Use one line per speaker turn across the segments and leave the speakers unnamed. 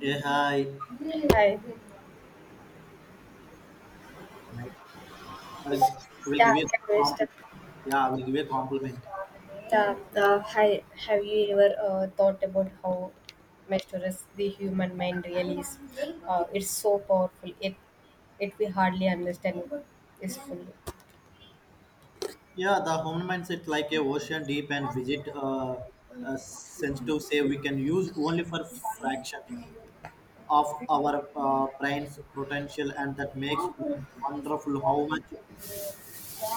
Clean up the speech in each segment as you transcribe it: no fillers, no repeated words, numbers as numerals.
Yeah, hi.
Hi.
Hi. I will give
Yeah,
you
I
a
can we start?
compliment. Yeah, I will give you a compliment.
Yeah, hi. Have you ever thought about how mysterious the human mind really is? It's so powerful. It we hardly understand it is fully.
Yeah, the home mindset like a ocean deep and visit sensitive say we can use only for fraction of our brain's potential, and that makes me wonderful how much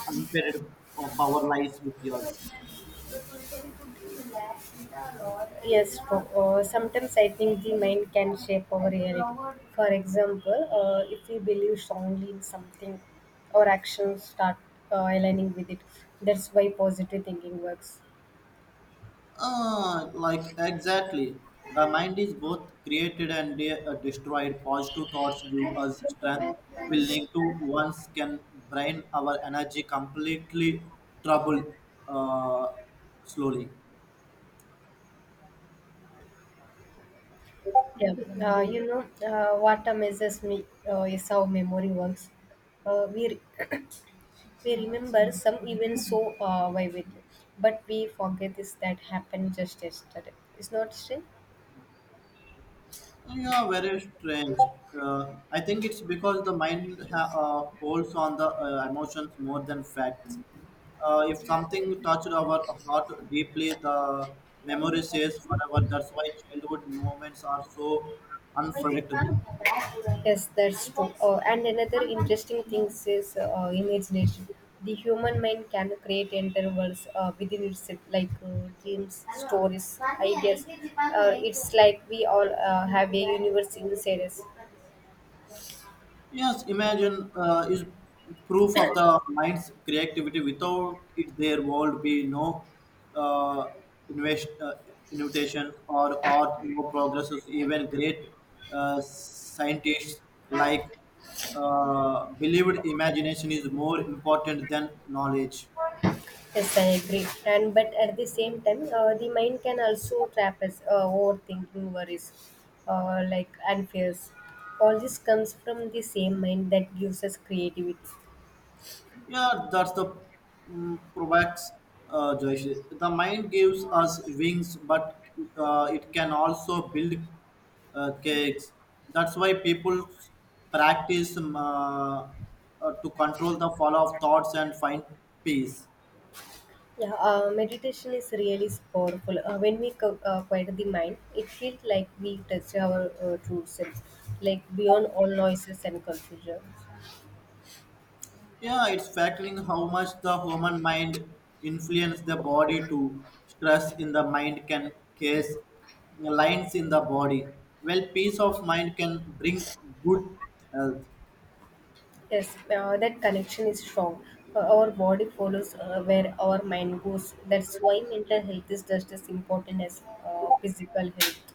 unpaired power lies with yours.
Yes, for, Sometimes I think the mind can shape our reality. For example, if we believe strongly in something, our actions start aligning with it. That's why positive thinking works.
Like exactly. The mind is both created and destroyed. Positive thoughts give us strength. Will need to once can drain our energy completely. Trouble uh, slowly.
Yeah, what amazes me is how memory works. Uh, we, re- we remember some events so vividly, but we forget this that happened just yesterday. It's not strange?
Yeah, very strange. I think it's because the mind holds on the emotions more than facts. If something touched our heart deeply, the memory stays forever. That's why childhood moments are so unpredictable.
Yes, that's true. And another interesting thing is imagination. The human mind can create entire worlds within itself, like dreams, stories, ideas. It's like we all have a universe inside us.
Yes, imagine is proof of the mind's creativity. Without it, there would be no uh, invest, uh, invitation or art, no progresses. Even great scientists like believed imagination is more important than knowledge.
Yes, I agree. And but at the same time, the mind can also trap us, overthinking worries, like and fears. All this comes from the same mind that gives us creativity.
Yeah, that's the proverbs, Joyce. The mind gives us wings, but it can also build cakes. That's why people practice to control the flow of thoughts and find peace.
Yeah, Meditation is really powerful. Quiet the mind, it feels like we touch our true self, like beyond all noises and confusion.
Yeah, it's fascinating how much the human mind influence the body. Too stress in the mind can cause lines in the body. Well, peace of mind can bring good health.
Yes, that connection is strong. Our body follows where our mind goes. That's why mental health is just as important as physical health.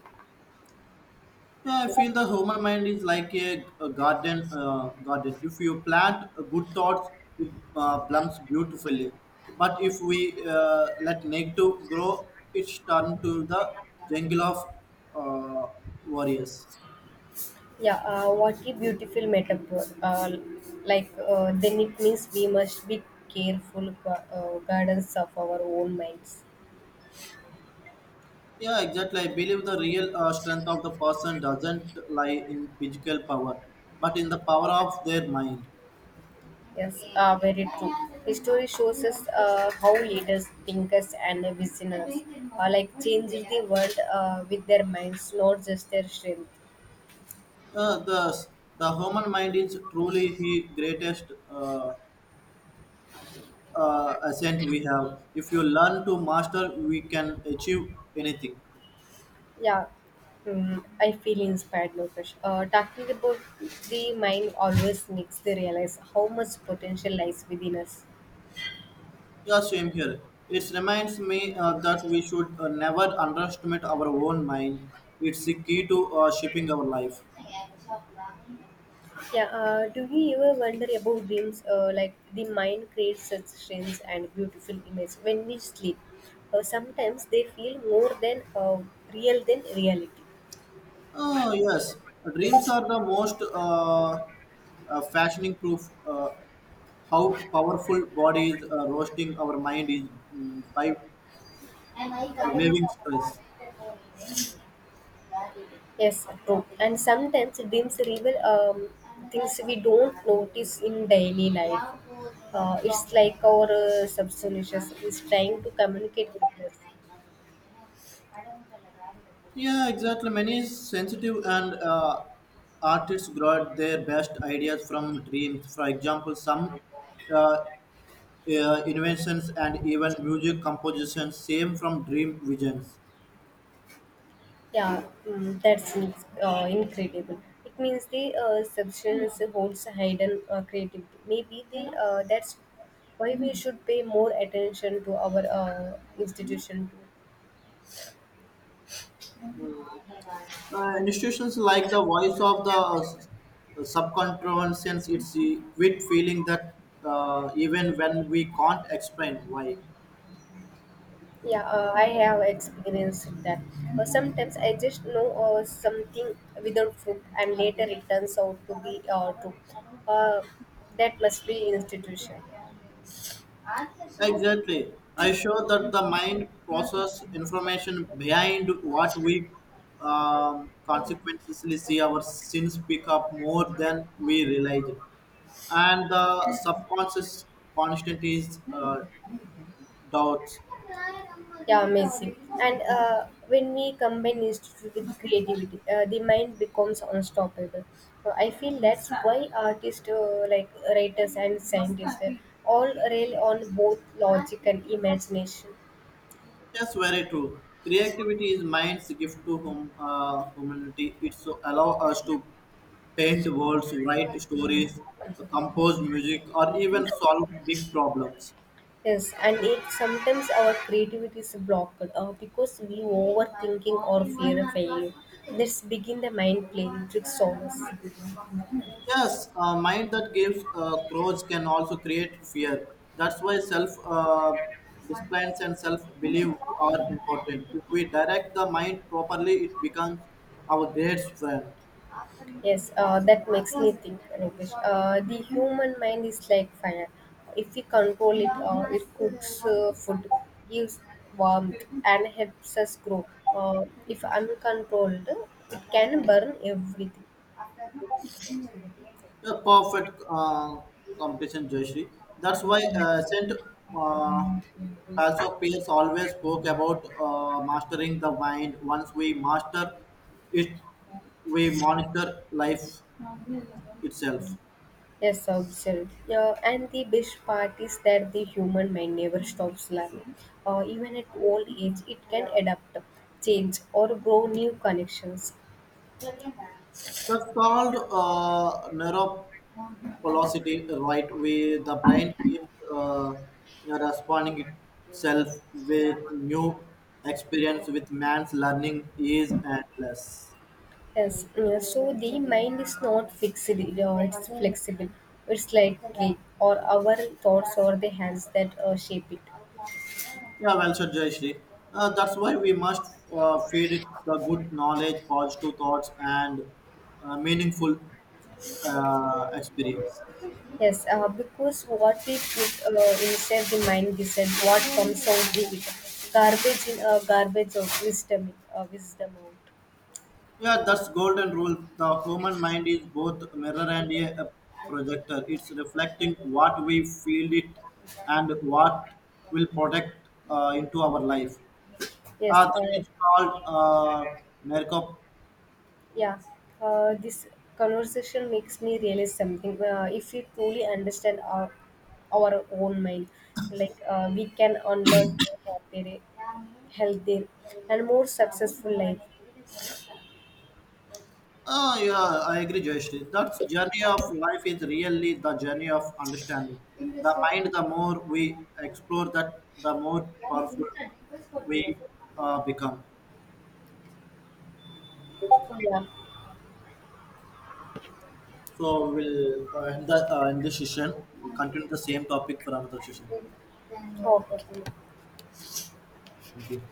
Yeah, I feel the human mind is like a garden. Garden. If you plant good thoughts, it blooms beautifully. But if we let negative grow, it's turned to the jungle of uh, warriors.
Yeah, what a beautiful metaphor. Then it means we must be careful guardians of our own minds.
Yeah, exactly. I believe the real strength of the person doesn't lie in physical power, but in the power of their mind.
Yes, very true. History shows us how leaders, thinkers, and visionaries are like changing the world with their minds, not just their strength.
Uh, the the human mind is truly he greatest. Ascent we have. If you learn to master, we can achieve anything.
Yeah, I feel inspired, Lokesh. Talking about the mind always makes me realize how much potential lies within us.
Yeah, same here. It reminds me that we should never underestimate our own mind. It's the key to shaping our life.
Yeah, do you ever wonder about dreams? Like the mind creates such strange and beautiful images when we sleep. Sometimes they feel more than real than reality.
Oh, yes. Dreams are the most fashioning proof how powerful body is roasting our mind is mm, by waving stress.
Yes, true. And sometimes dreams reveal things we don't notice in daily life. It's like our subconscious is trying to communicate with us.
Yeah, exactly. Many sensitive and artists got their best ideas from dreams. For example, some uh, inventions and even music compositions same from dream visions.
That's incredible. It means the substance holds hidden creativity. Maybe the that's why we should pay more attention to our institution too.
Institutions like the voice of the subconscious, it's a quick feeling that even when we can't explain why.
Yeah, I have experienced that. Sometimes I just know something without proof, and later it turns out to be true. Uh, that must be institution.
Exactly. I show that the mind process information behind what we consequently see our sins pick up more than we realize it. And the subconscious constant is doubts.
Yeah, amazing. And when we combine institute with creativity, the mind becomes unstoppable. I feel that's why artists, like writers and scientists, all rely on both logic and imagination.
Yes, very true. Creativity is mind's gift to humanity. It's allow us to paint worlds, write stories, compose music, or even solve big problems.
Yes, and it sometimes our creativity is blocked because we overthinking or fear of failure, let's begin the mind playing tricks on us.
Yes, a mind that gives growth can also create fear. That's why self disciplines and self belief are important. If we direct the mind properly, it becomes our greatest friend.
Yes, that makes me think, Rinkesh. The human mind is like fire. If we control it, it cooks food, gives warmth, and helps us grow. If uncontrolled, it can burn everything.
A perfect competition, Joshi. That's why Saint uh, Pastor Pierce always spoke about mastering the mind. Once we master it, we monitor life itself.
Yes, observed. Yeah, and the best part is that the human mind never stops learning. Even at old age, it can adapt, change, or grow new connections.
That's called neuroplasticity, right? Where the brain keeps responding itself with new experience, with man's learning is endless.
Yes, yeah, so the mind is not fixed, yeah, it's flexible. It's like we or our thoughts or the hands that shape it.
Yeah, well said, Jayashree. That's why we must feed it the good knowledge, positive thoughts, and meaningful experience.
Yes, because what we put inside the mind decides what comes out of it. Garbage in, garbage of wisdom, in, wisdom out.
Yeah, that's golden rule. The human mind is both a mirror and a projector. It's reflecting what we feel it and what will project into our life.
Yes, uh,
This is called narco.
Yeah, this conversation makes me realize something. If we truly understand our own mind, we can unlock a happier, healthier, and more successful life.
Oh, yeah, I agree, Jayashree. That journey of life is really the journey of understanding. The mind, the more we explore that, the more powerful we become.
Yeah.
So we'll in the in this session we'll continue the same topic for another session.
Okay.
Thank you.